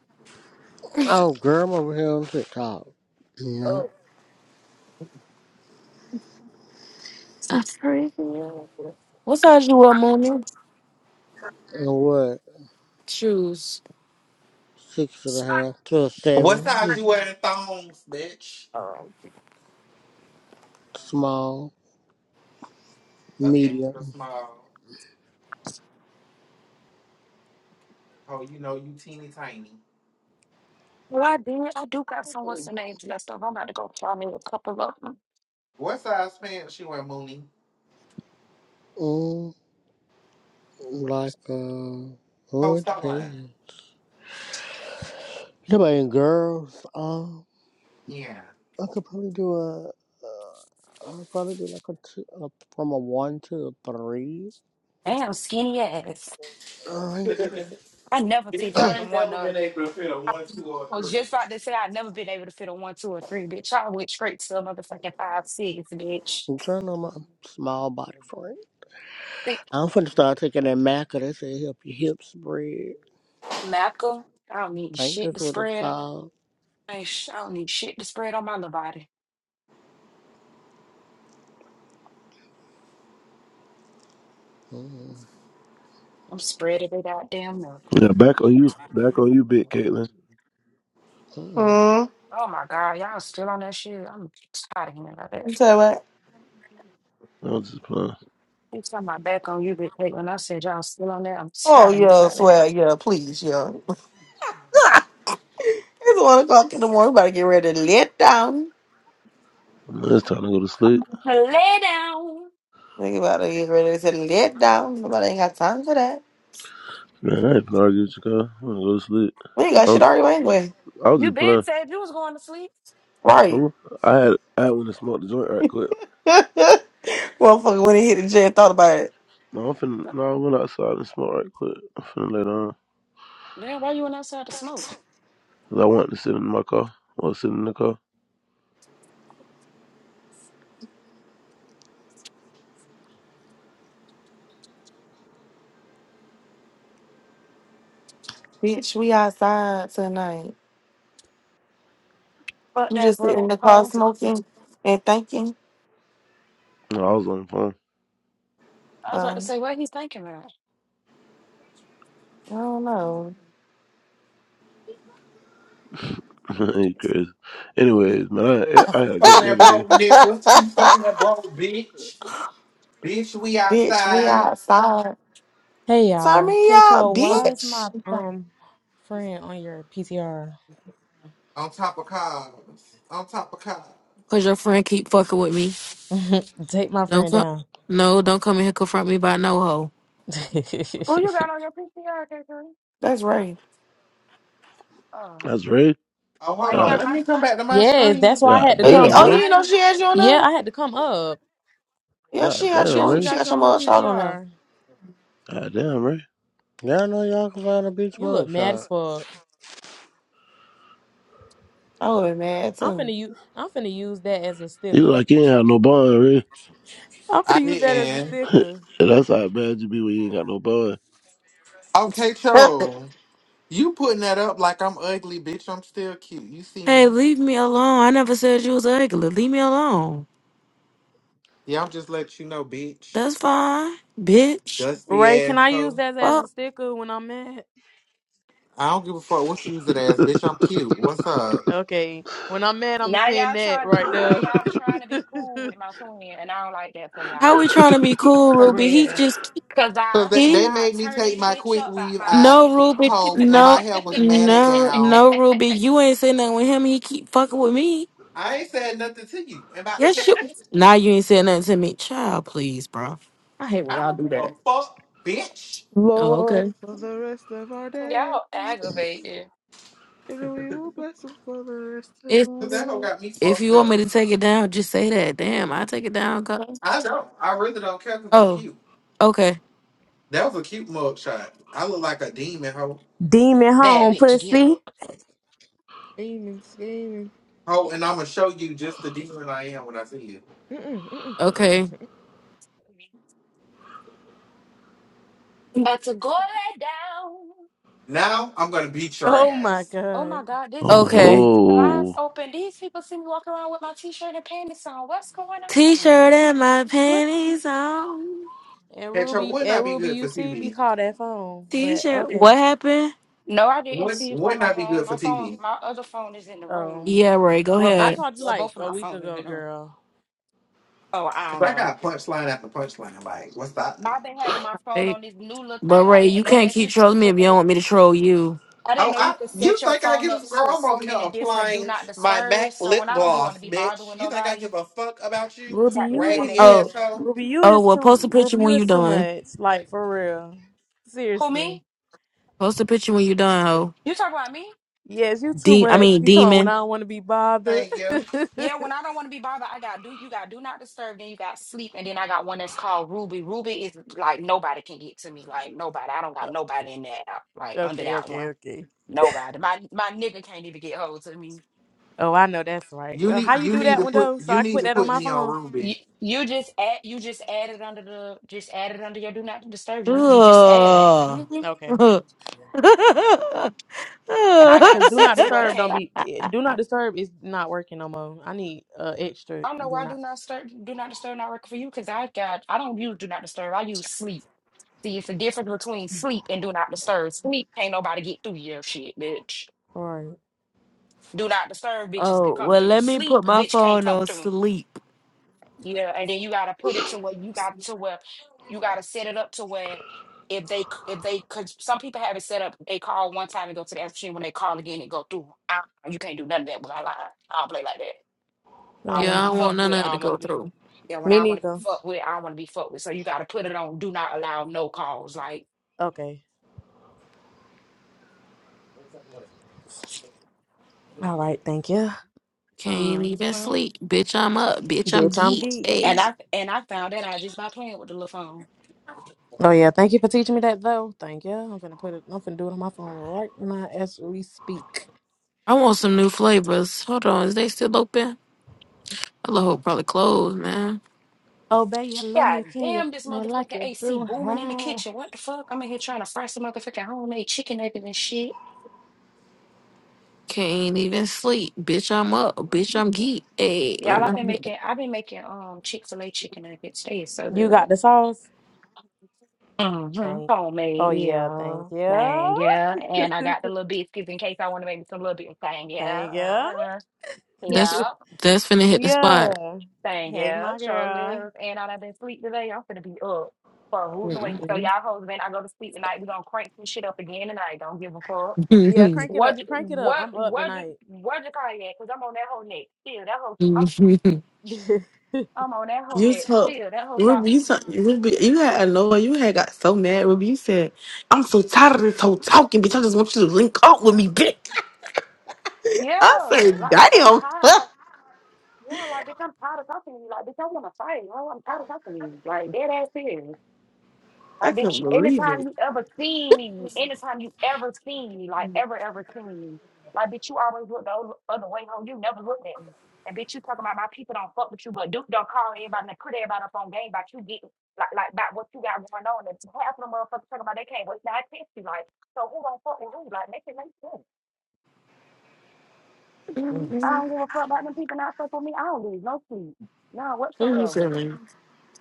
Oh, girl, I'm over here on TikTok.
Oh, I praise you. What size you wear, Mooney?
and what
Shoes.
six and a half to a
What
seven,
size you
just
wearing thongs, bitch?
Um,
small,
Uh, extra
medium,
small. Oh, you know you teeny tiny.
Well, I did. I do got some what's the names left over. I'm about to go try me a couple of them.
What size pants you wear, Mooney?
mm, like uh,
Oh,
oh, it
stop lying.
depends. Somebody and girls, um,
Yeah.
I could probably do a, uh, I could probably do like a two, a, from a one to a three.
Damn, skinny ass.
Uh, I ain't too good.
Bitch,
I never fitted
I
in
ain't
one
never
uh
been able to fit a one, two, or
I was
three.
just about to say I've never been able to fit a one, two, or three, bitch. I went straight to a motherfucking five, six, bitch.
I'm trying on my small body for it.
Thick
I'm finna start taking that maca that say help your hips spread.
Macca. I don't need
I think
shit
that's
to
what it's
spread.
called.
I, ain't sh- I don't need shit to spread on my little body.
Mm-mm.
I'm spreading it out, damn milk.
Yeah, back on you, back on you, bit Caitlin.
Mm-mm.
Hmm.
Oh my God, y'all still on that shit. I'm tired of hearing about
You
that.
tell you what?
I was just playing.
You turn my back on you, big Pete, when I said y'all still on that. I'm
Oh
tired of hearing
yeah,
about that.
swear yeah, please yeah. It's one o'clock in the morning. We about to get ready to let down.
Man, it's time to go to
I'm
sleep.
gonna lay down.
We about to get ready to let down. Nobody ain't got time for that.
Man, I ain't gonna argue with you, Kyle. I'm gonna go to sleep.
We ain't got
I
shit
was,
already anyway.
I was
You
just
been
playing.
said you was going to sleep.
Right.
Huh? I had, I had went and smoked the joint right quick.
Motherfucker, when he hit the jet, thought about it.
No, I'm finna, no, I went outside and smoked right quick. I'm finna lay down.
Damn, why you went outside to smoke?
Cause I wanted to sit in my car. I was sitting in the car.
Bitch, we outside tonight.
Fuck
You
that,
just sit in
bro.
the car
Ho.
smoking and thinking.
No, I was on the phone.
I was about to
Um,
say, what he thinking about?
I don't know.
you crazy. Anyways, man, I, I had a
Fucking
great day
that
today.
broke nigga. You fucking that broke bitch. Bitch, we
bitch, we
outside.
outside.
Hey
Turn
y'all,
me out,
Kato, why is my
bitch.
um friend on your PTR?
On top of cars. On top of cars.
Cause your friend keep fucking with me.
Take my
Don't
friend
come,
down.
no, don't come in here confront me about no hoe.
Who you got on your PPR, K3?
That's right.
Oh,
That's Ray.
Oh,
why
hold
you
on.
God,
got
Let
my?
me come back to my
yes, that's
screen.
why I
God
had to
Oh, you,
come
damn,
oh,
up.
Ray.
you
I
know
ain't-
she has you on now?
Yeah, I had to come up.
Yeah, she
God
has you
damn,
Yeah,
on.
she
Ray.
She
got
got
you
your
on her
mugshot on now.
PTR.
God damn, Ray.
Y'all know y'all can find a beach
You look
mug
mad
shop.
as fuck.
I would be mad
I'm
too.
finna you. I'm finna use that as a
You look
sticker.
like you ain't have no bond, Ray.
I'm
I
finna use that as a
didn't.
sticker.
And that's how it bad you be when you ain't got no bun.
Okay, Cho. You putting that up like I'm ugly, bitch. I'm still cute. You see
Hey,
me?
leave me alone. I never said you was ugly. Leave me alone.
Yeah, I'm just letting you know, bitch.
That's fine, bitch.
Dusty
Ray, can I use
asshole.
that as a
Well,
sticker when I'm mad?
I don't give a fuck what you use it as, bitch. I'm cute. What's up?
Okay, when I'm mad, I'ma
now
send
y'all
that
trying.
right
Now
there.
y'all trying to be cool with my twin, and I don't like that for
how we
y'all.
trying to be cool,
For
Ruby? He
real.
just
Cause
Cause
I,
they,
cause
they
he
I
made me
turn
take
this
my
bitch
quick
up by
weave
my
out
no
twin.
Ruby,
hoe and
no,
my hair was matted
no,
down.
no Ruby. You ain't saying nothing with him. He keep fucking with me.
I ain't said nothing to you in about
Yes,
20
you.
minutes.
Now you ain't saying nothing to me, child. Please, bro. I hate when
I
y'all
don't
do
give a
that.
fuck, bitch.
Oh,
Lord,
okay.
for the rest of our days,
Y'all aggravated.
and we will bless him for the rest of
If
our
That hoe
days.
got me
if
fucked
you want
up.
me to take it down, just say that. Damn, I take it down, cuz.
I don't. I really don't care because I'm
Oh,
cute.
okay,
That was a cute mug shot. I look like a demon hoe.
Demon
Bad
home
bitch
pussy.
guilt.
Scheming, scheming.
Ho, and I'm gonna show you just the demon I am when I see you.
Mm-mm, mm-mm, mm-mm.
okay,
But to go that down.
Now I'm gonna beat your
Oh my
ass.
Oh my
god.
God, this
okay.
these
Oh, whoa.
blinds open. These people see me walking around with my t-shirt and panties on. What's going
T-shirt
on?
and my
Mm.
panties on.
And
Petro
Ruby
would not
and
be
Ruby,
good for
you see me
TV.
call that phone. But
T-shirt.
okay.
What happened?
No, I didn't
Would
see you
would
on my
not be
phone.
good for
My phone,
TV.
my other phone is in the room.
Um
Yeah, Ray. Go
Well,
I
both,
ahead.
called you
well,
like
both of
a
my
week
phones is
ago,
in the room.
girl.
Oh, I
Cause
don't
I
know.
got punchline after punchline. Like, what's that?
But I've been having my phone
Hey,
on this new little
but
thing. I
Ray, you
didn't know
can't
that
keep
you could
trolling me if you
set.
don't want me to troll you.
I didn't
Oh,
know you
I
could
you
set your
think I
phone
give
up
a girl?
to
I'm
so
over here
many different do
applying
not
my
disturb.
Mac
So
lip
when I don't be want to
gloss,
be bothered
bitch.
with
You think I
nobody,
give a fuck about you,
it's
Ruby,
like this
you
one
is
raggedy
little
just
Oh,
thing.
asshole?
Ruby, you
oh.
is
Well,
too
post a picture
Ruby,
when
you
you
is too
done.
much.
Thank,
Like for real.
Who
Seriously.
me?
Post a picture when you done, ho.
You talk about me?
Yes, you too
De- I
much.
mean,
You talking about when
demon.
I don't want to be bothered.
thank you.
Yeah, when I don't want to be bothered, I got do you got do not disturb, then you got sleep, and then I got one that's called Ruby. Ruby is like nobody can get to me, like nobody. I don't got nobody in that app,
Oh,
like under
okay,
that
okay,
one.
okay.
Nobody. My my nigga can't even get hold to me.
Oh, I know that's right.
You
Well,
need
how you
you
do
need
that
to
one
put
though? So
you
I can
need
put
to
that on
put
my
me on
phone.
Ruby.
You, you just add you just added under the just added under your do not disturb. You you just added.
Ugh.
Okay.
oh,
and I got
Cause
it
do
set
not
to where
disturb don't
can't.
be eh, do not disturb is not working no more. I need uh extra
I don't know
do
why I do
not.
not stir, do not disturb not record for you because I got I don't use do not disturb. I use sleep. See, it's the difference between sleep and do not disturb. Sleep can't nobody get through your shit, bitch.
All right,
Do not disturb bitches can come
well,
through.
let me
Sleep,
put
a
my
bitch can't
phone
come
on
through.
sleep.
Yeah, and then you gotta put it to where you got to where you gotta set it up to where if they c- if they cause some people have it set up, they call one time and go to the answer machine. When they call again, it go through. Ah, you can't do none of that with I line. I don't play like that.
all
I don't want
Yeah,
to
right.
I
be
don't want
fucked
none
with.
of it
I
to
don't want
go
to be.
through.
Yeah, when
Me
I want to be
neither.
fucked with, I want to be fucked with. So you got to put it on. Do not allow no calls. Like,
Okay. All right. Thank you,
Can't
mm
even
mm.
sleep. Bitch, I'm up. Bitch, I'm
bitch. I'm
geek.
geek.
Hey.
and I and I found that out just by playing with the little phone.
Oh yeah. Thank you for teaching me that though. Thank you. I'm gonna put it. I'm gonna do it on my phone right now as we speak.
I want some new flavors. Hold on, is they still open? I hope probably closed, man.
Oh baby, you love me.
God
Can you
damn,
f-
this
me like
motherfucking
you
AC
do?
booming in the
Huh?
kitchen. What the fuck? I'm in here trying to fry some motherfucking homemade chicken nuggets and shit.
Can't even sleep. Bitch, I'm up. Bitch, I'm geek. Hey.
Y'all, I've been making. I've been making um Chick Fil A chicken nuggets. They is so
You
good.
got the sauce.
Mm-hmm.
Thank. Oh
Homemade,
yeah.
yeah,
Thank
man,
you.
yeah. And I got the little biscuits in case I want to make me some little bit of thing, yeah.
thank you.
Uh-huh.
That's
Yeah,
that's finna hit the spot.
Mia.
thing,
Hey,
yeah.
my
Sure
girl.
live. And I done been sleep today. I'm finna be up for a rootin' awake. So
Mm-mm.
y'all hoes, man, I go to sleep tonight. We gonna crank some shit up again tonight. Don't give a fuck.
Yeah, crank it up.
What, you-
Crank it up.
what,
I'm up
what,
tonight.
you- what you call it? Cause I'm on that whole neck still. That whole, I'm, I'm on that whole
You
neck
told
still. That whole thought,
Ruby, you, told- Ruby, you had annoyed. you had got so mad. Ruby, you said, I'm so tired of this whole talking, bitch. I just want you to link up with me, bitch.
yeah.
I said,
Like, bitch, I'm tired.
damn.
like, Yeah, like bitch, I'm tired of talking to you. Like bitch, I want to fight. Oh, I'm tired of talking to you. Like dead ass serious.
I
Like bitch,
couldn't
you-
believe
anytime
it.
you ever seen me, anytime you ever seen me, like ever ever seen me, like bitch, you always look the other other way. Home, you never looked at me. And bitch, you talking about my people don't fuck with you, but Duke don't call everybody and put everybody up on game about you getting like like about what you got going on. And half of the motherfuckers talking about they can't wait. Now I text you like, so who don't fuck with who? Like make it make sense. I don't give a fuck about them people not fuck with me. I don't lose no sleep, none
What you
whatsoever.
saying?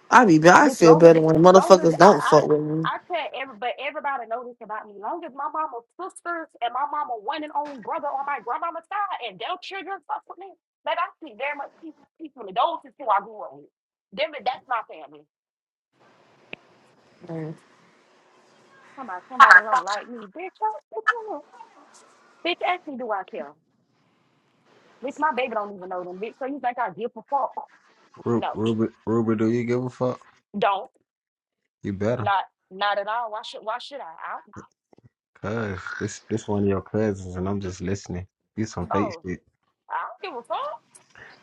I be I
Bitch,
feel
long as
better when
long as
motherfuckers don't
I I,
fuck with me.
I tell every but everybody know this about me. Long as my mama's sisters and my mama one and only brother on my grandmama's side and their children fuck with me. Like I see very much people people those is who I grew up with. Them that's my family.
Like,
Somebody somebody don't like me. Bitch, I, bitch, I don't- bitch, actually do I care? Bitch, my baby don't even know them, bitch. So you think I give a fuck?
Ru-
No.
Ruby, Ruby, do you give a fuck?
Don't.
You better,
Not not at all. Why should why should I? I
cause this this one of your cousins, and I'm just listening. You some fake
oh,
shit.
I don't give a fuck.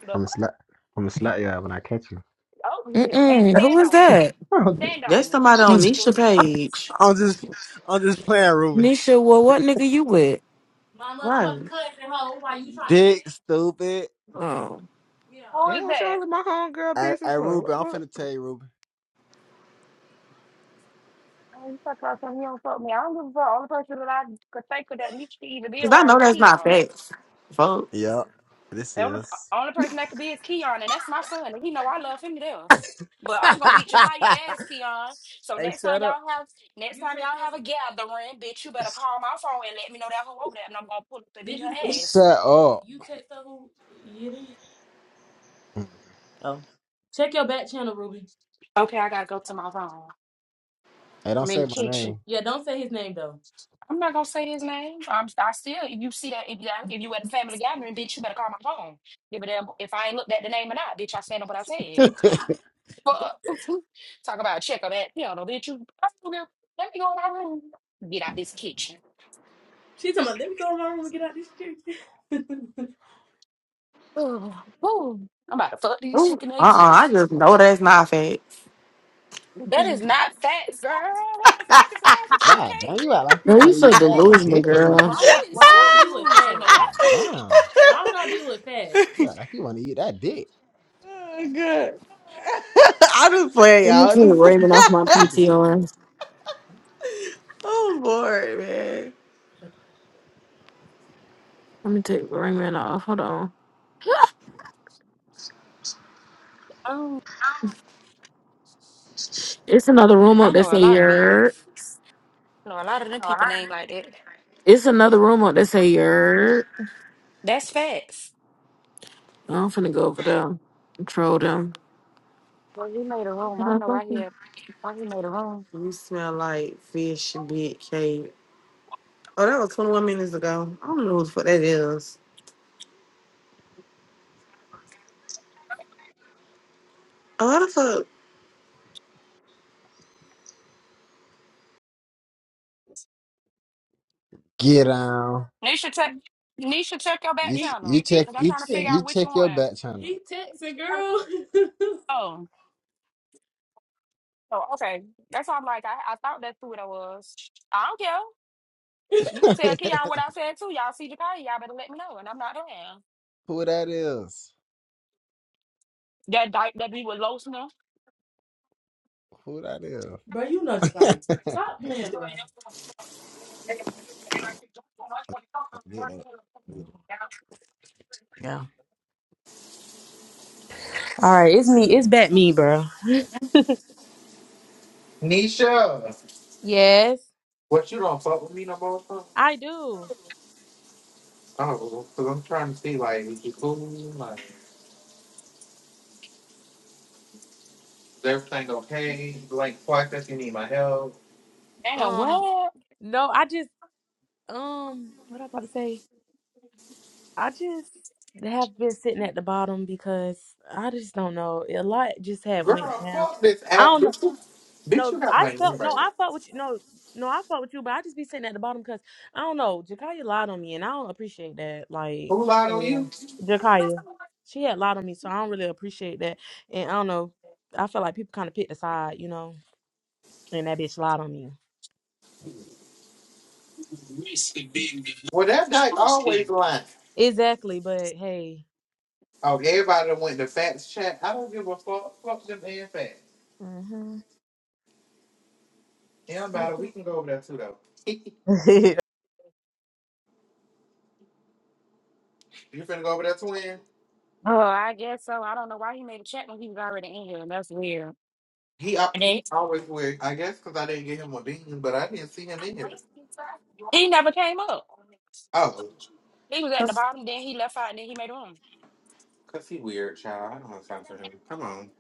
The
I'm a
fuck?
slap. I'm a slap you out when I catch you.
Oh, and
Who
stand
was
on it.
that?
Stand
That's
on it.
somebody
I'm
on
Please
just,
Nisha
do.
page.
I'm just, I'm just playing, Ruby.
Nisha, well, what nigga you with?
My
Right.
motherfucking cousin, hoe. Why you trying to? Dick, stupid.
Oh.
Yeah.
Or
Damn,
is
what
that?
y'all in my homegirl
I, I,
business for?
Ruby, I'm
What?
finna tell you, Ruby.
Oh, you talk about something you don't fuck me. I don't give a fuck. Only person that I could think of that needs to either be
Cause I
around
know
is
that's not
Keon.
facts. Fuck.
Yup, this
The only
is.
only person that could be is Keon, and that's my son, and he know I love him to death. But
hey,
I'm gonna beat Jakaya ass, Keon. So next time
shut up.
y'all have next
You
time
take
y'all have a
those?
gathering, bitch, you better call my phone and let me know that who over there, and I'm gonna pull up and beat
Did you
her ass.
Shut up. you text her who it is? Mm. Oh. Check your back channel, Ruby.
Okay, I gotta go to my phone.
Hey, don't
I'm in the
say my
kitchen.
name. Yeah, don't say his name though.
I'm not gonna say his name. I'm I still if you see that if you if you at a family gathering, bitch, you better call my phone. Give a damn if I ain't looked at the name or not, bitch. I stand up what I said. But talk about a check of that piano, bitch. You I don't give- let me go in my room. Get out this kitchen.
She's talking about, let me go in my room and get out this shit.
Ooh, ooh. I'm about to fuck these
Uh
chicken
uh
eggs up.
I just know that's not facts.
That is not facts, girl. What the fuck is wrong with you,
God damn, you
Caitlin?
act like you
Girl,
want
you
to
The
so
eat fast
heck?
delusional,
dick or And why something.
girl.
She
would
is
why would
too
I be with Fad?
delusional. What
God
the
damn. Why would I be with Fad?
oh
You act like you want to eat that dick.
god. I am just playing
Let me
y'all.
take
Just...
Raymond off my
What is it?
PTR.
oh bored, man.
Let me take Raymond off. Hold on.
um
It's another room
I
up that
know a
say
lot of
your.
these. I know a lot of them people name like that.
It's another room up that say your.
That's facts.
I'm finna go over there and troll them.
Well, he made a room. I don't know why he had, why he made a room.
You smell like fish, big cake. Oh, that was 21 minutes ago. I don't know who the fuck that is. A lot of folk
Get on.
Nisha, check. Nisha, check your back
You ch- He you he
channel
check
because I'm
you ch-
trying to
texting.
figure
you
out which one.
check your
I-
back channel. He texting, girl.
Oh, oh, okay. That's why I'm like, I, I thought that's who it was. I don't care. You can tell Keon what I said too. Y'all see Jakai, y'all better let me know, and I'm not around.
Who that is?
That dyke that be with Losner.
Who that is? Bro, you know just like stop playing, bro. Get that. Yeah. All right, it's me. It's back me, bro.
Nisha,
Yes,
what you don't fuck with me no more? huh?
I do.
Oh, because I'm trying to see like is you cool? Like is everything okay? Like fuck that you need my help.
Damn, what?
Um, no, I just um, what I was about to say. I just have been sitting at the bottom because I just don't know. A lot just had
Girl,
went down.
fuck this
I
app,
don't know.
bitch. you- Bitch, you
No,
got
I
my
felt no,
number.
I fought with you. No, no, I fought with you, but I just be sitting at the bottom because I don't know. Jakaya lied on me, and I don't appreciate that. Like,
Who lied on you?
so yeah, Jakaya, she had lied on me, so I don't really appreciate that. And I don't know. I feel like people kind of picked a side, you know. And that bitch lied on me.
Well, that dyke always lying.
Exactly, but hey.
Oh, everybody that went to facts chat. I don't give a fuck. Fuck them and facts.
hmm
It don't matter.
Okay.
We can go over there too though. you finna go over there, twin?
Oh, I guess so. I don't know why he made a check when he was already in here. That's weird.
He al-
And then
he always weird. I guess because I didn't get him a bean, but I didn't see him in here.
he never came up.
Oh,
He was at the
cause,
bottom, then he left out, and then he made a room.
'cause he weird, child. I don't want to talk him. Come on.